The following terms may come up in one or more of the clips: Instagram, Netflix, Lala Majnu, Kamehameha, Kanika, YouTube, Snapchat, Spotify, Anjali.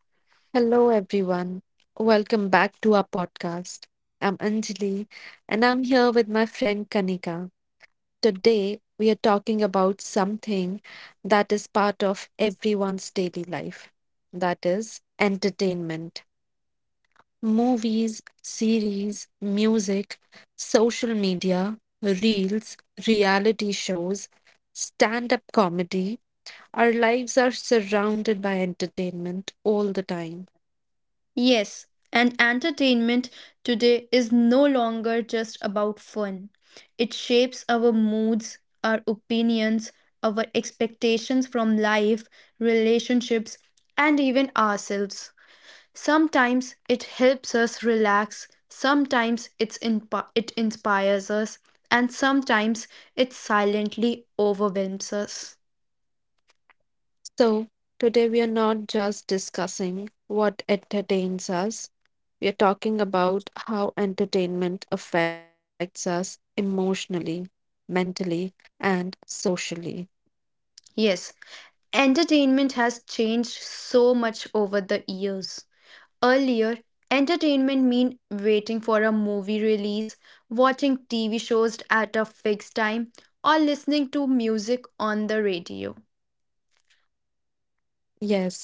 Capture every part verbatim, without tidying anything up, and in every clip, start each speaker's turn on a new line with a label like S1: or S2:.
S1: Hello, everyone. Welcome back to our podcast. I'm Anjali and I'm here with my friend Kanika. Today, we are talking about something that is part of everyone's daily life, that is, entertainment. Movies, series, music, social media, reels, reality shows, stand up comedy. Our lives are surrounded by entertainment all the time.
S2: Yes, and entertainment today is no longer just about fun. It shapes our moods, our opinions, our expectations from life, relationships, and even ourselves. Sometimes it helps us relax, sometimes it's inp- it inspires us, and sometimes it silently overwhelms us.
S1: So, today we are not just discussing what entertains us, we are talking about how entertainment affects us emotionally, mentally, and socially.
S2: Yes, entertainment has changed so much over the years. Earlier, entertainment meant waiting for a movie release, watching T V shows at a fixed time, or listening to music on the radio.
S1: Yes,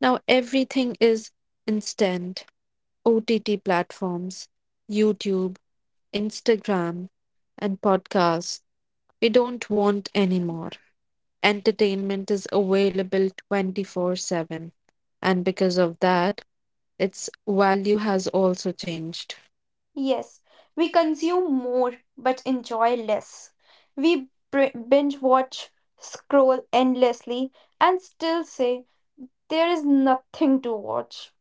S1: now everything is instant O T T platforms, YouTube, Instagram, and podcasts. We don't want anymore. Entertainment is available twenty four seven. And because of that, its value has also changed.
S2: Yes, we consume more but enjoy less. We br- binge watch, scroll endlessly, and still say there is nothing to watch.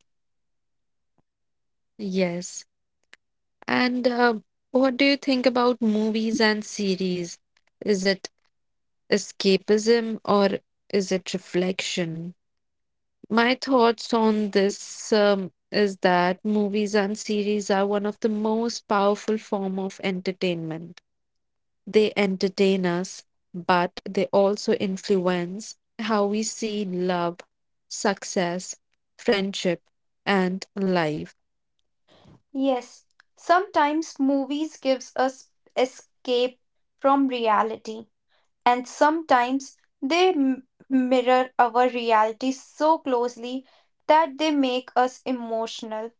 S1: Yes. And uh, what do you think about movies and series? Is it escapism or is it reflection? My thoughts on this um, is that movies and series are one of the most powerful form of entertainment. They entertain us, but they also influence how we see love, success, friendship, and life.
S2: Yes, sometimes movies gives us escape from reality, and sometimes they m- mirror our reality so closely that they make us emotional.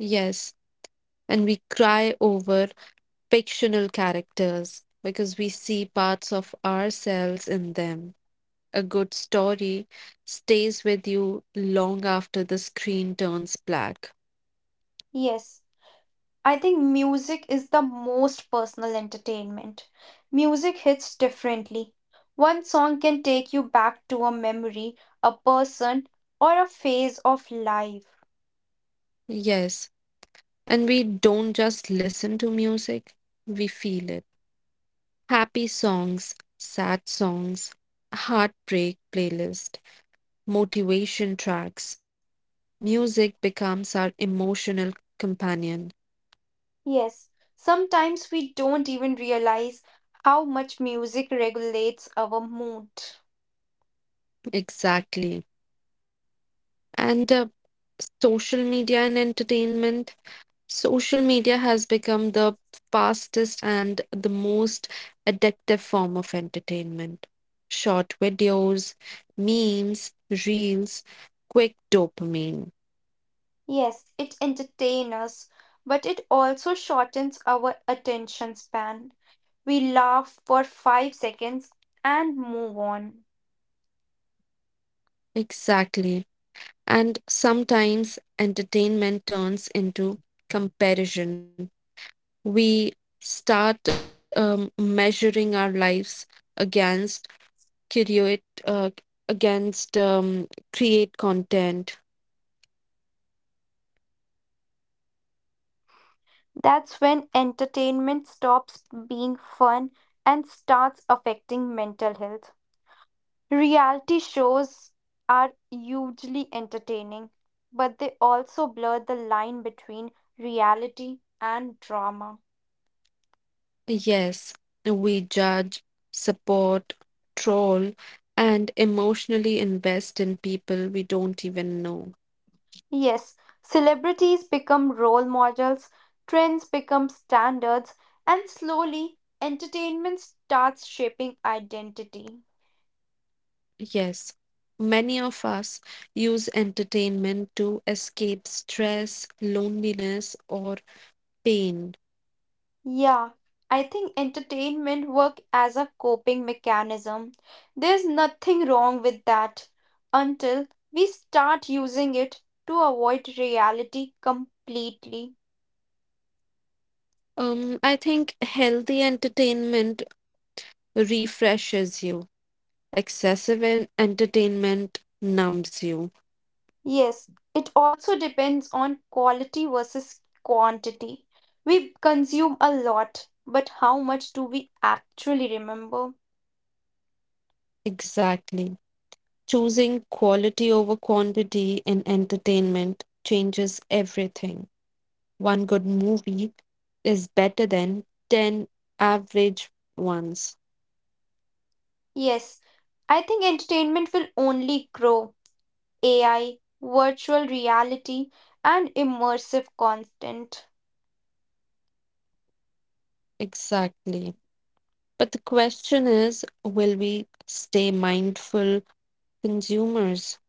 S1: Yes, and we cry over fictional characters because we see parts of ourselves in them. A good story stays with you long after the screen turns black.
S2: Yes, I think music is the most personal entertainment. Music hits differently. One song can take you back to a memory, a person, or a phase of life.
S1: Yes, and we don't just listen to music, we feel it. Happy songs, sad songs, heartbreak playlist, motivation tracks. Music becomes our emotional companion.
S2: Yes, sometimes we don't even realize how much music regulates our mood.
S1: Exactly. And uh, social media and entertainment. Social media has become the fastest and the most addictive form of entertainment. Short videos, memes, reels, quick dopamine.
S2: Yes, it entertains us, but it also shortens our attention span. We laugh for five seconds and move on.
S1: Exactly. And sometimes entertainment turns into comparison. We start um, measuring our lives against curate uh, against um, create content.
S2: That's when entertainment stops being fun and starts affecting mental health. Reality shows are hugely entertaining, but they also blur the line between reality and drama.
S1: Yes, we judge, support, troll, and emotionally invest in people we don't even know.
S2: Yes, celebrities become role models, trends become standards, and slowly entertainment starts shaping identity.
S1: Yes, many of us use entertainment to escape stress, loneliness, or pain.
S2: Yeah, I think entertainment work as a coping mechanism. There's nothing wrong with that until we start using it to avoid reality completely.
S1: Um, I think healthy entertainment refreshes you. Excessive en- entertainment numbs you.
S2: Yes, it also depends on quality versus quantity. We consume a lot, but how much do we actually remember?
S1: Exactly. Choosing quality over quantity in entertainment changes everything. One good movie is better than ten average ones.
S2: Yes, I think entertainment will only grow. A I, virtual reality, and immersive content.
S1: Exactly. But the question is, will we stay mindful consumers?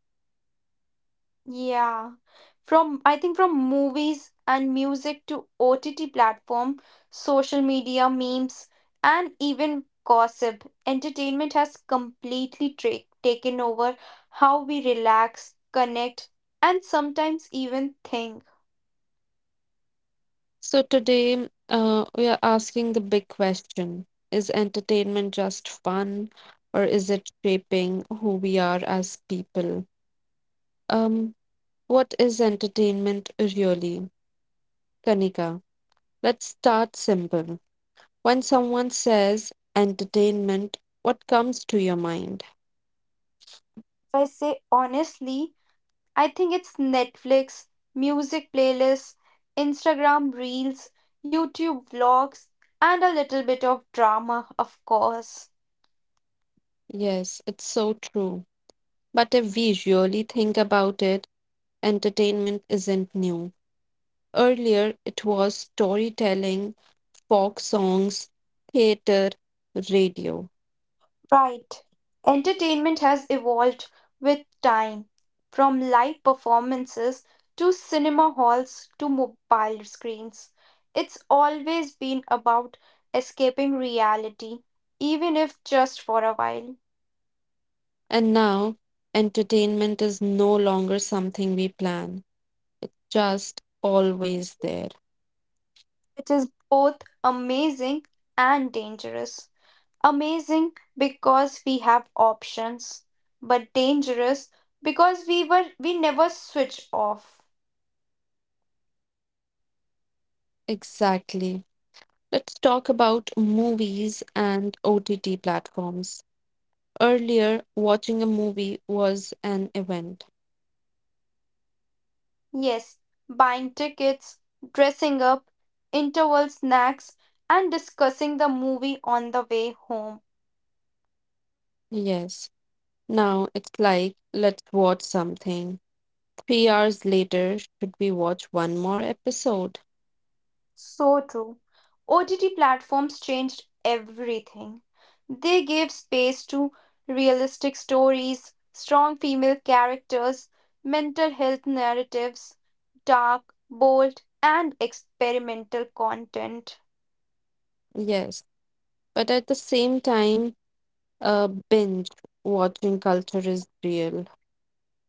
S2: Yeah. From I think from movies and music to O T T platform, social media, memes, and even gossip, entertainment has completely tra- taken over how we relax, connect, and sometimes even think.
S1: So today, uh, we are asking the big question: is entertainment just fun, or is it shaping who we are as people? Um, What is entertainment really? Kanika, let's start simple. When someone says entertainment, what comes to your mind?
S2: If I say honestly, I think it's Netflix, music playlists, Instagram reels, YouTube vlogs, and a little bit of drama, of course.
S1: Yes, it's so true. But if we really think about it, entertainment isn't new. Earlier, it was storytelling, folk songs, theater, radio.
S2: Right. Entertainment has evolved with time, from live performances to cinema halls to mobile screens. It's always been about escaping reality, even if just for a while,
S1: And now, entertainment is no longer something we plan, just always there.
S2: which is both amazing and dangerous. Amazing because we have options, but dangerous because we were we never switch off.
S1: Exactly. Let's talk about movies and O T T platforms. Earlier, watching a movie was an event.
S2: Yes, buying tickets, dressing up, interval snacks, and discussing the movie on the way home.
S1: Yes. Now it's like, let's watch something. Three hours later, should we watch one more episode?
S2: So true. O T T platforms changed everything. They gave space to realistic stories, strong female characters, mental health narratives, dark, bold, and experimental content.
S1: Yes. But at the same time, uh, binge watching culture is real.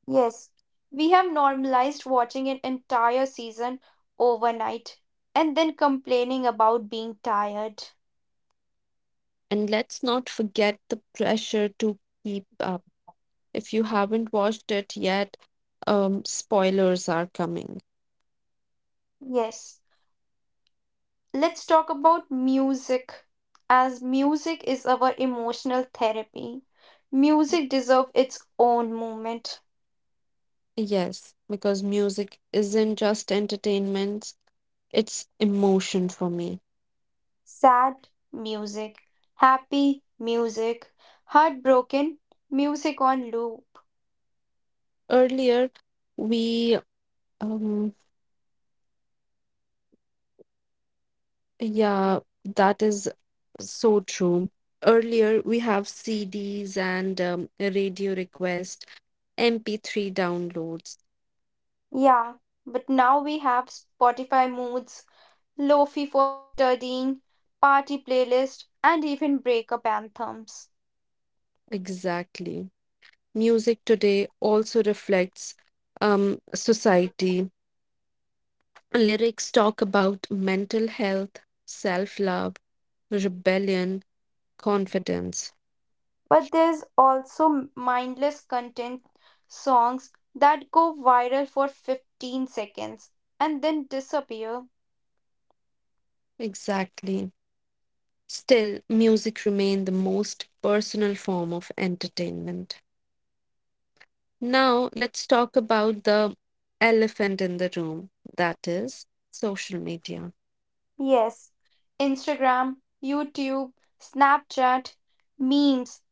S2: Yes, we have normalized watching an entire season overnight and then complaining about being tired.
S1: And let's not forget the pressure to keep up. If you haven't watched it yet, um, spoilers are coming.
S2: Yes, let's talk about music, as music is our emotional therapy. Music deserves its own moment.
S1: Yes, because music isn't just entertainment, it's emotion for me.
S2: Sad music, happy music, heartbroken music on loop.
S1: Earlier, we, um, yeah, that is so true. Earlier, we have C Ds and um, radio request, M P three downloads.
S2: Yeah, but now we have Spotify moods, lofi for studying, party playlist, and even breakup anthems.
S1: Exactly. Music today also reflects um, society. Lyrics talk about mental health, self-love, rebellion, confidence.
S2: But there's also mindless content, songs that go viral for fifteen seconds and then disappear.
S1: Exactly. Still, music remained the most personal form of entertainment. Now, let's talk about the elephant in the room, that is, social media.
S2: Yes, Instagram, YouTube, Snapchat, memes,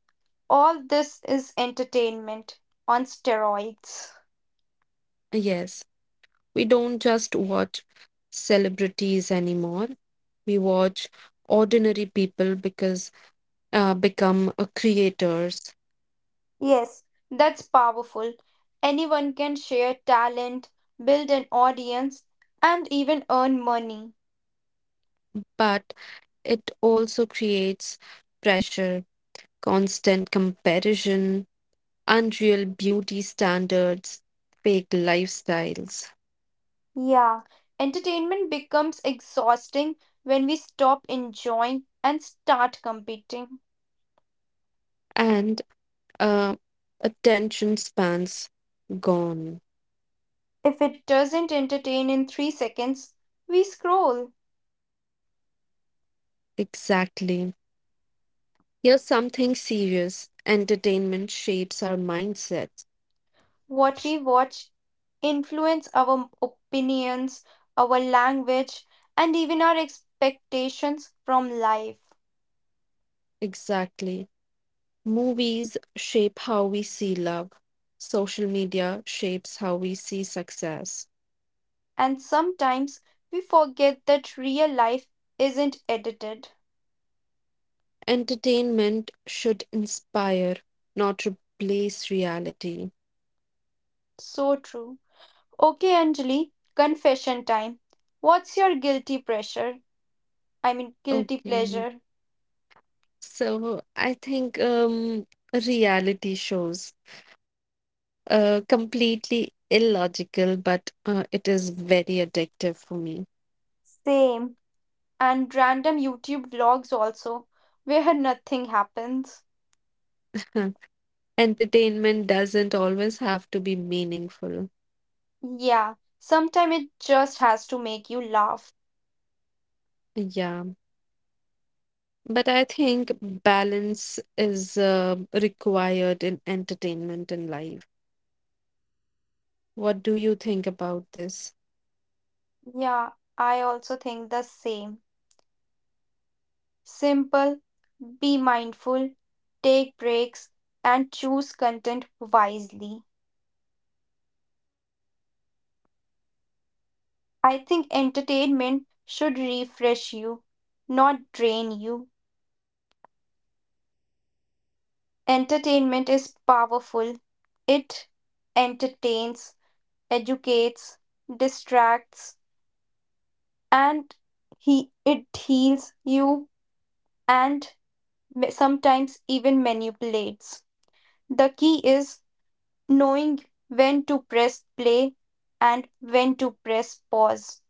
S2: all this is entertainment on steroids.
S1: Yes, we don't just watch celebrities anymore. We watch ordinary people because uh, become uh, creators,
S2: Yes, that's powerful. Anyone can share talent, build an audience, and even earn money.
S1: but it also creates pressure, constant comparison, unreal beauty standards, fake lifestyles,
S2: Yeah, entertainment becomes exhausting when we stop enjoying and start competing.
S1: and uh, attention spans gone.
S2: If it doesn't entertain in three seconds, we scroll.
S1: Exactly. Here's something serious: entertainment shapes our mindsets.
S2: What we watch influence our opinions, our language, and even our expectations from life.
S1: Exactly. Movies shape how we see love, social media shapes how we see success.
S2: And sometimes we forget that real life isn't edited.
S1: Entertainment should inspire, not replace reality.
S2: So true. Okay, Anjali, confession time. What's your guilty pressure? I mean, guilty
S1: Okay.
S2: pleasure.
S1: So I think um, reality shows uh, completely illogical, but uh, it is very addictive for me.
S2: Same. And random YouTube vlogs also, where nothing happens.
S1: Entertainment doesn't always have to be meaningful.
S2: Yeah, sometimes it just has to make you laugh.
S1: Yeah, but I think balance is uh, required in entertainment and life. What do you think about this?
S2: Yeah, I also think the same. Simple, be mindful, take breaks, and choose content wisely. I think entertainment should refresh you, not drain you. Entertainment is powerful. It entertains, educates, distracts, and he it heals you and ma- sometimes even manipulates. The key is knowing when to press play and when to press pause.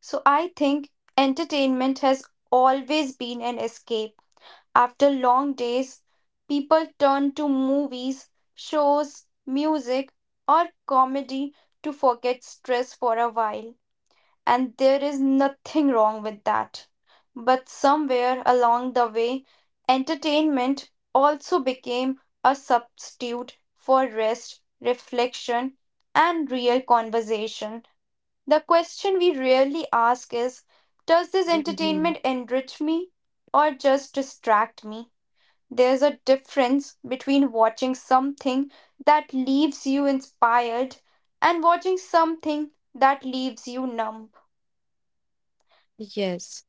S2: So I think entertainment has always been an escape. After long days, people turn to movies, shows, music, or comedy to forget stress for a while. And there is nothing wrong with that. But somewhere along the way, entertainment also became a substitute for rest, reflection, and real conversation. The question we rarely ask is: Does this
S1: Mhm.
S2: entertainment enrich me or just distract me? There's a difference between watching something that leaves you inspired and watching something that leaves you numb.
S1: Yes,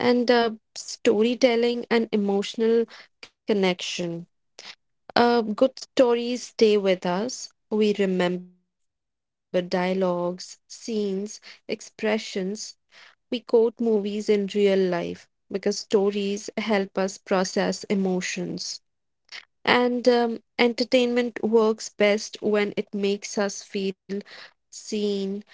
S1: and uh, storytelling and emotional connection. Uh, good stories stay with us. We remember dialogues, scenes, expressions. We quote movies in real life because stories help us process emotions. And um, entertainment works best when it makes us feel seen,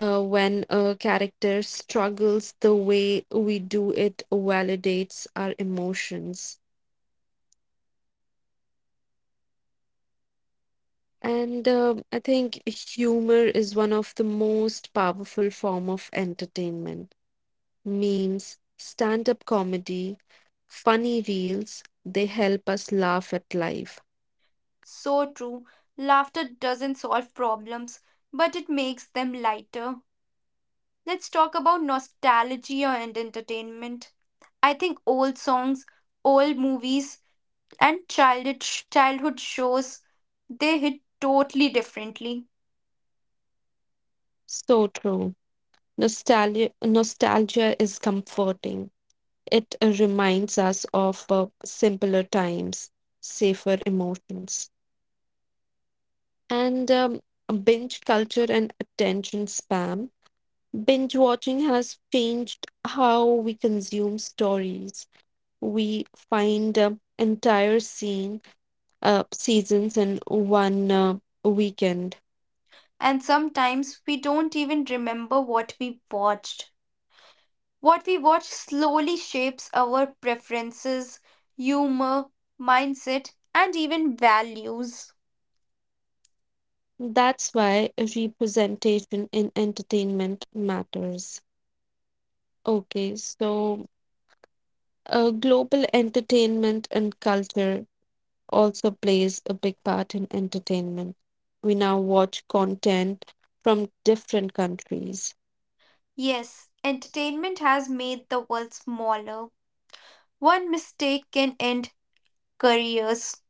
S1: uh, when a character struggles the way we do, it validates our emotions. And um I think humor is one of the most powerful form of entertainment. Memes, stand-up comedy, funny reels, they help us laugh at life.
S2: So true. Laughter doesn't solve problems, but it makes them lighter. Let's talk about nostalgia and entertainment. I think old songs, old movies, and childhood childhood shows, they hit totally differently.
S1: So true. Nostalgia, nostalgia is comforting. It uh, reminds us of uh, simpler times, safer emotions. And um, binge culture and attention spam. Binge watching has changed how we consume stories. We find um, entire scene, uh, seasons in one uh, weekend.
S2: And sometimes we don't even remember what we watched. What we watch slowly shapes our preferences, humor, mindset, and even values.
S1: That's why representation in entertainment matters. Okay, so uh, global entertainment and culture also plays a big part in entertainment. We now watch content from different countries.
S2: Yes, entertainment has made the world smaller. One mistake can end careers.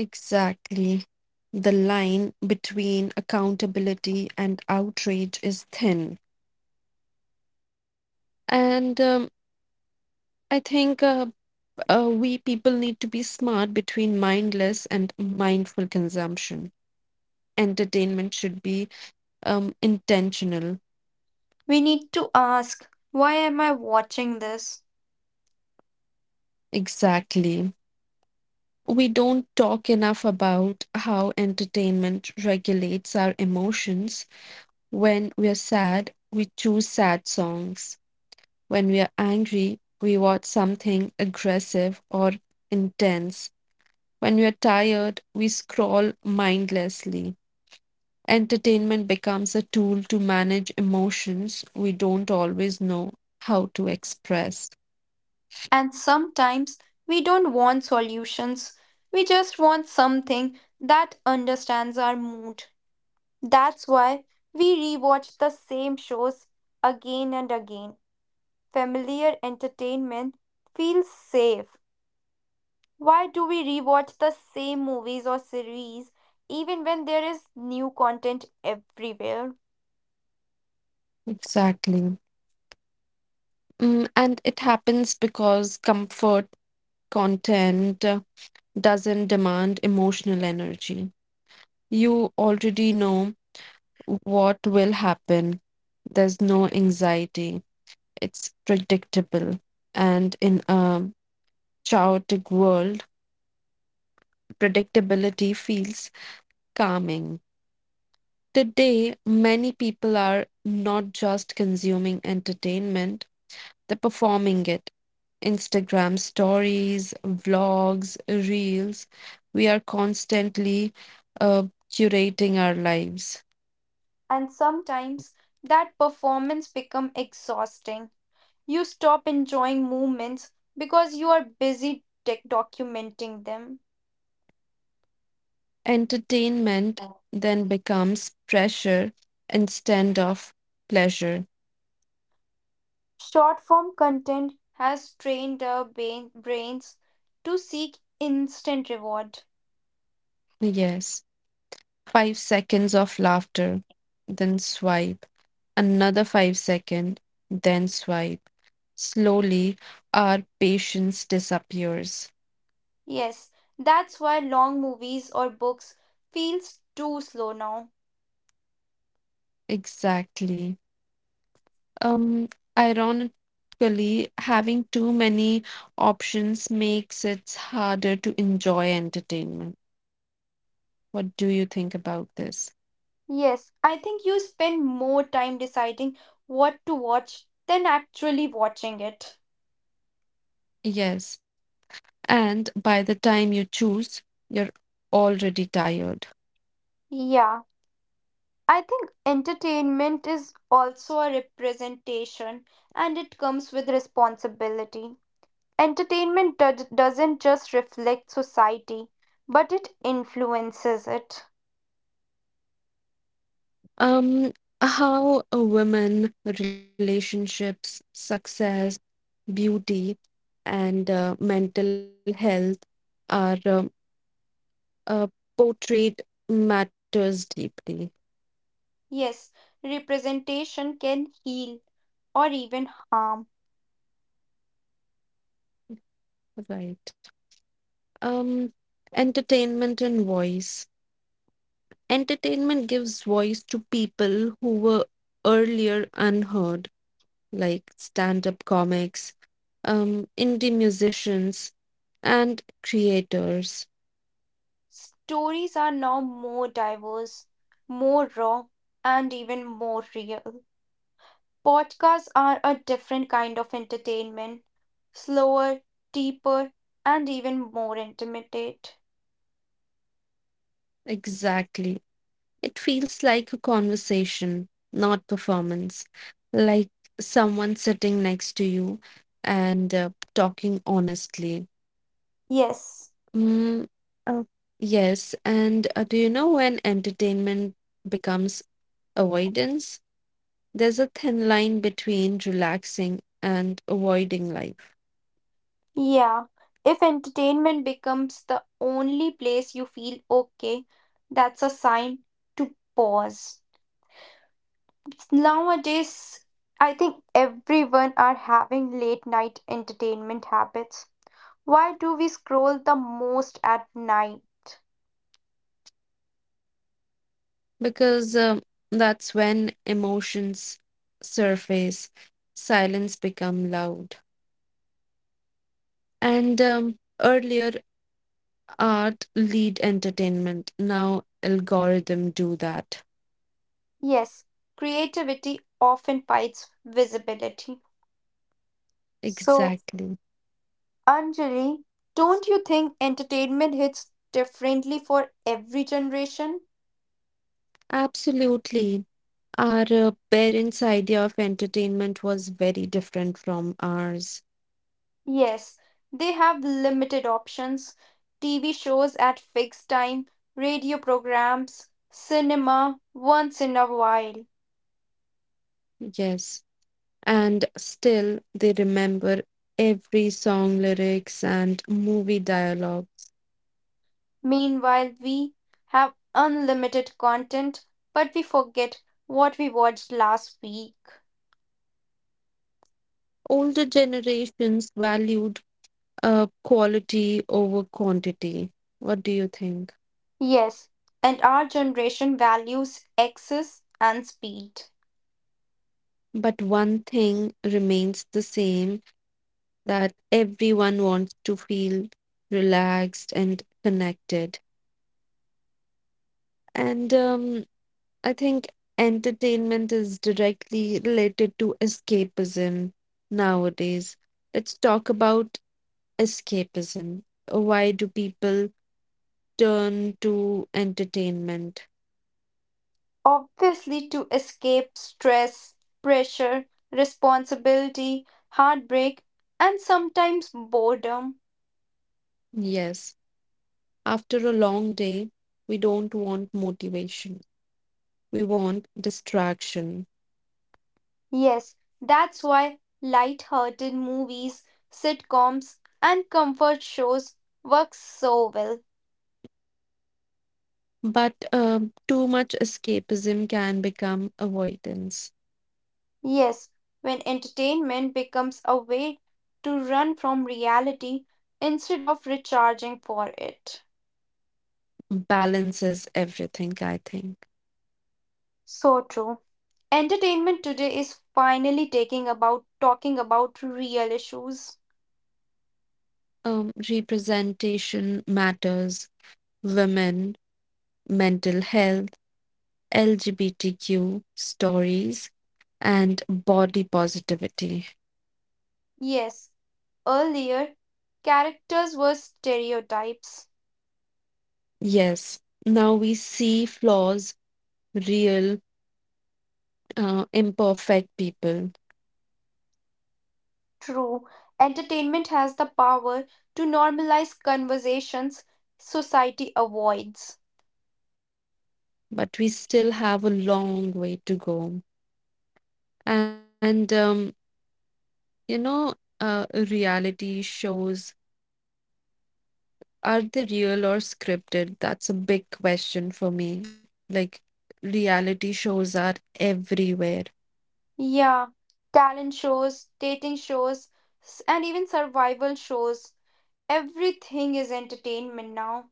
S1: Exactly. The line between accountability and outrage is thin. And um, I think uh, uh, we people need to be smart between mindless and mindful consumption. Entertainment should be um, intentional.
S2: We need to ask, why am I watching this?
S1: Exactly. We don't talk enough about how entertainment regulates our emotions. When we are sad, we choose sad songs. When we are angry, we watch something aggressive or intense. When we are tired, we scroll mindlessly. Entertainment becomes a tool to manage emotions we don't always know how to express.
S2: And sometimes we don't want solutions. We just want something that understands our mood. That's why we rewatch the same shows again and again. Familiar entertainment feels safe. Why do we rewatch the same movies or series even when there is new content everywhere?
S1: Exactly. Mm, and it happens because comfort content uh, doesn't demand emotional energy. You already know what will happen. There's no anxiety. It's predictable. And in a chaotic world, predictability feels calming. Today, many people are not just consuming entertainment, they're performing it. Instagram stories, vlogs, reels. We are constantly uh, curating our lives.
S2: And sometimes that performance become exhausting. You stop enjoying moments because you are busy tech documenting them.
S1: Entertainment then becomes pressure instead of pleasure.
S2: Short form content has trained our brain- brains to seek instant reward.
S1: Yes. Five seconds of laughter, then swipe. Another five second, then swipe. Slowly, our patience disappears.
S2: Yes, that's why long movies or books feels too slow now.
S1: Exactly. Um, ironically, having too many options makes it harder to enjoy entertainment. What do you think about this?
S2: Yes, I think you spend more time deciding what to watch than actually watching it.
S1: Yes. And by the time you choose, you're already tired.
S2: Yeah, I think entertainment is also a representation and it comes with responsibility. Entertainment do- doesn't just reflect society, but it influences it.
S1: Um, how a women, relationships, success, beauty, and uh, mental health are um uh, portrayed matters deeply.
S2: Yes, representation can heal or even harm.
S1: Right. Um, entertainment and voice. Entertainment gives voice to people who were earlier unheard, like stand-up comics, um, indie musicians, and creators.
S2: Stories are now more diverse, more raw, and even more real. Podcasts are a different kind of entertainment, slower, deeper, and even more intimate.
S1: Exactly. It feels like a conversation, not performance, like someone sitting next to you and uh, talking honestly.
S2: Yes,
S1: Mm, uh, yes, and uh, do you know when entertainment becomes avoidance? There's a thin line between relaxing and avoiding life
S2: yeah. If entertainment becomes the only place you feel okay, that's a sign to pause. Nowadays, I think everyone are having late night entertainment habits. Why do we scroll the most at night?
S1: because um that's when emotions surface, silence become loud. And um, earlier art lead entertainment. Now algorithm do that.
S2: Yes, creativity often fights visibility. So,
S1: Exactly.
S2: Anjali, don't you think entertainment hits differently for every generation?
S1: Absolutely. Our uh, parents' idea of entertainment was very different from ours.
S2: Yes, they have limited options. T V shows at fixed time, radio programs, cinema once in a while.
S1: Yes. And still, they remember every song lyrics and movie dialogues.
S2: Meanwhile, we have unlimited content, but we forget what we watched last week.
S1: Older generations valued uh, quality over quantity. What do you think?
S2: Yes, and our generation values access and speed.
S1: But one thing remains the same, that everyone wants to feel relaxed and connected. And um, I think entertainment is directly related to escapism nowadays. Let's talk about escapism. Why do people turn to entertainment?
S2: Obviously, to escape stress, pressure, responsibility, heartbreak, and sometimes boredom.
S1: Yes, after a long day, we don't want motivation, we want distraction.
S2: Yes, that's why light-hearted movies, sitcoms, and comfort shows work so well.
S1: But um, too much escapism can become avoidance.
S2: Yes, when entertainment becomes a way to run from reality instead of recharging for it.
S1: Balances everything, I think.
S2: So true. Entertainment today is finally taking about talking about real issues.
S1: Um, representation matters, women, mental health, L G B T Q stories, and body positivity.
S2: Yes, earlier characters were stereotypes.
S1: Yes, now we see flaws, real, uh, imperfect people,
S2: True. Entertainment has the power to normalize conversations society avoids.
S1: but we still have a long way to go. And, um, you know, uh, reality shows, are they real or scripted? That's a big question for me. Like, reality shows are everywhere.
S2: Yeah, talent shows, dating shows, s- and even survival shows. Everything is entertainment now.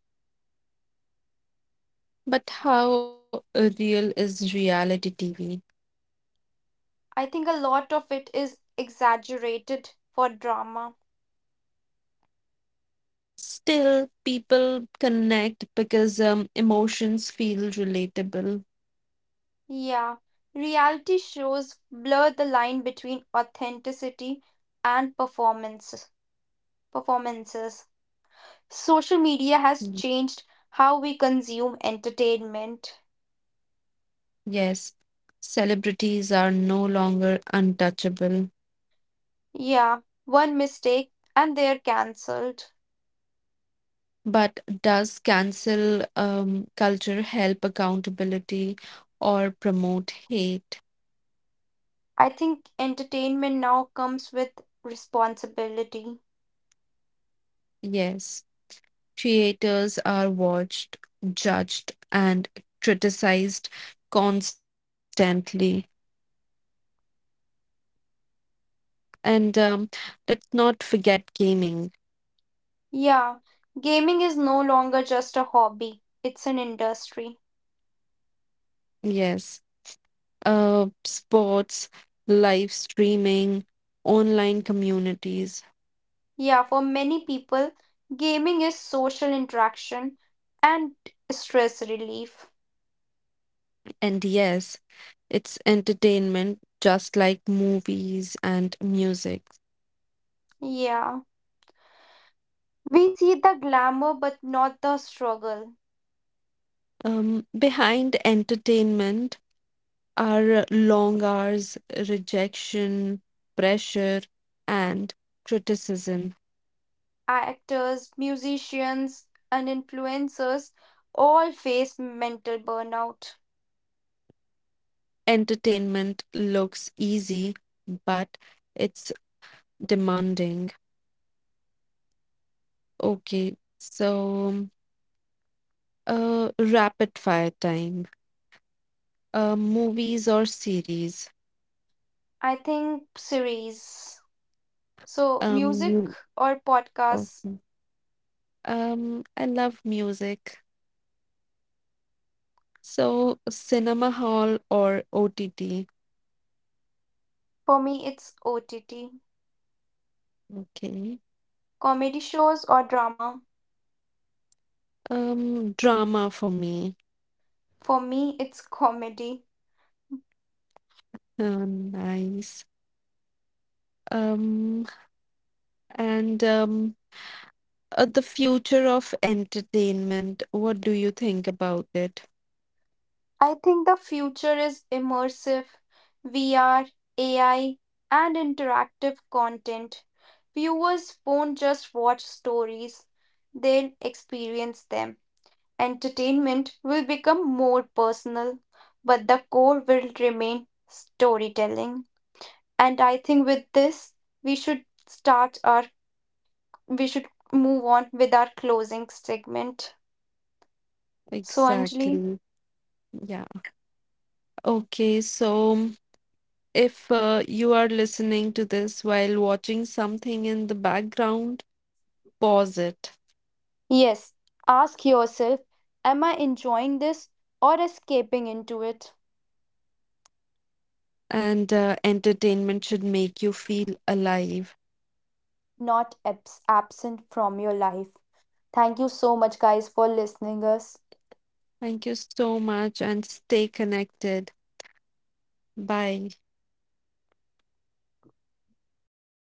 S1: But how real is reality T V?
S2: I think a lot of it is exaggerated for drama.
S1: Still, people connect because um, emotions feel relatable.
S2: Yeah, reality shows blur the line between authenticity and performance performances. Social media has
S1: Mm.
S2: changed how we consume entertainment.
S1: Yes, celebrities are no longer untouchable.
S2: Yeah, one mistake and they're cancelled.
S1: But does cancel um, culture help accountability or promote hate?
S2: I think entertainment now comes with responsibility.
S1: Yes. Creators are watched, judged, and criticized constantly. And um, let's not forget gaming.
S2: Yeah, gaming is no longer just a hobby, it's an industry.
S1: Yes, uh, sports, live streaming, online communities.
S2: Yeah, for many people, gaming is social interaction and stress relief.
S1: And yes, it's entertainment just like movies and music.
S2: Yeah, we see the glamour but not the struggle.
S1: Um, behind entertainment, our long hours, rejection, pressure, and criticism.
S2: Actors, musicians, and influencers all face mental burnout.
S1: Entertainment looks easy, but it's demanding. Okay, so uh, rapid fire time. Uh, movies or series?
S2: I think series. So, music
S1: Um,
S2: or podcasts,
S1: okay. Um, I love music. So, cinema hall or O T T?
S2: for me, it's O T T.
S1: Okay.
S2: Comedy shows or drama,
S1: Um, drama for me.
S2: for me, it's comedy.
S1: Oh, nice. Um, and um, uh, the future of entertainment, what do you think about it?
S2: I think the future is immersive, V R, A I, and interactive content. Viewers won't just watch stories, they'll experience them. Entertainment will become more personal, but the core will remain storytelling. And I think with this, we should start our we should move on with our closing segment. So, Anjali,
S1: Exactly. Yeah. Okay, so um, if uh, you are listening to this while watching something in the background, pause it.
S2: yes, ask yourself: Am I enjoying this or escaping into it?
S1: And uh, entertainment should make you feel alive.
S2: Not abs- absent from your life. Thank you so much, guys, for listening us.
S1: Thank you so much and stay connected. Bye.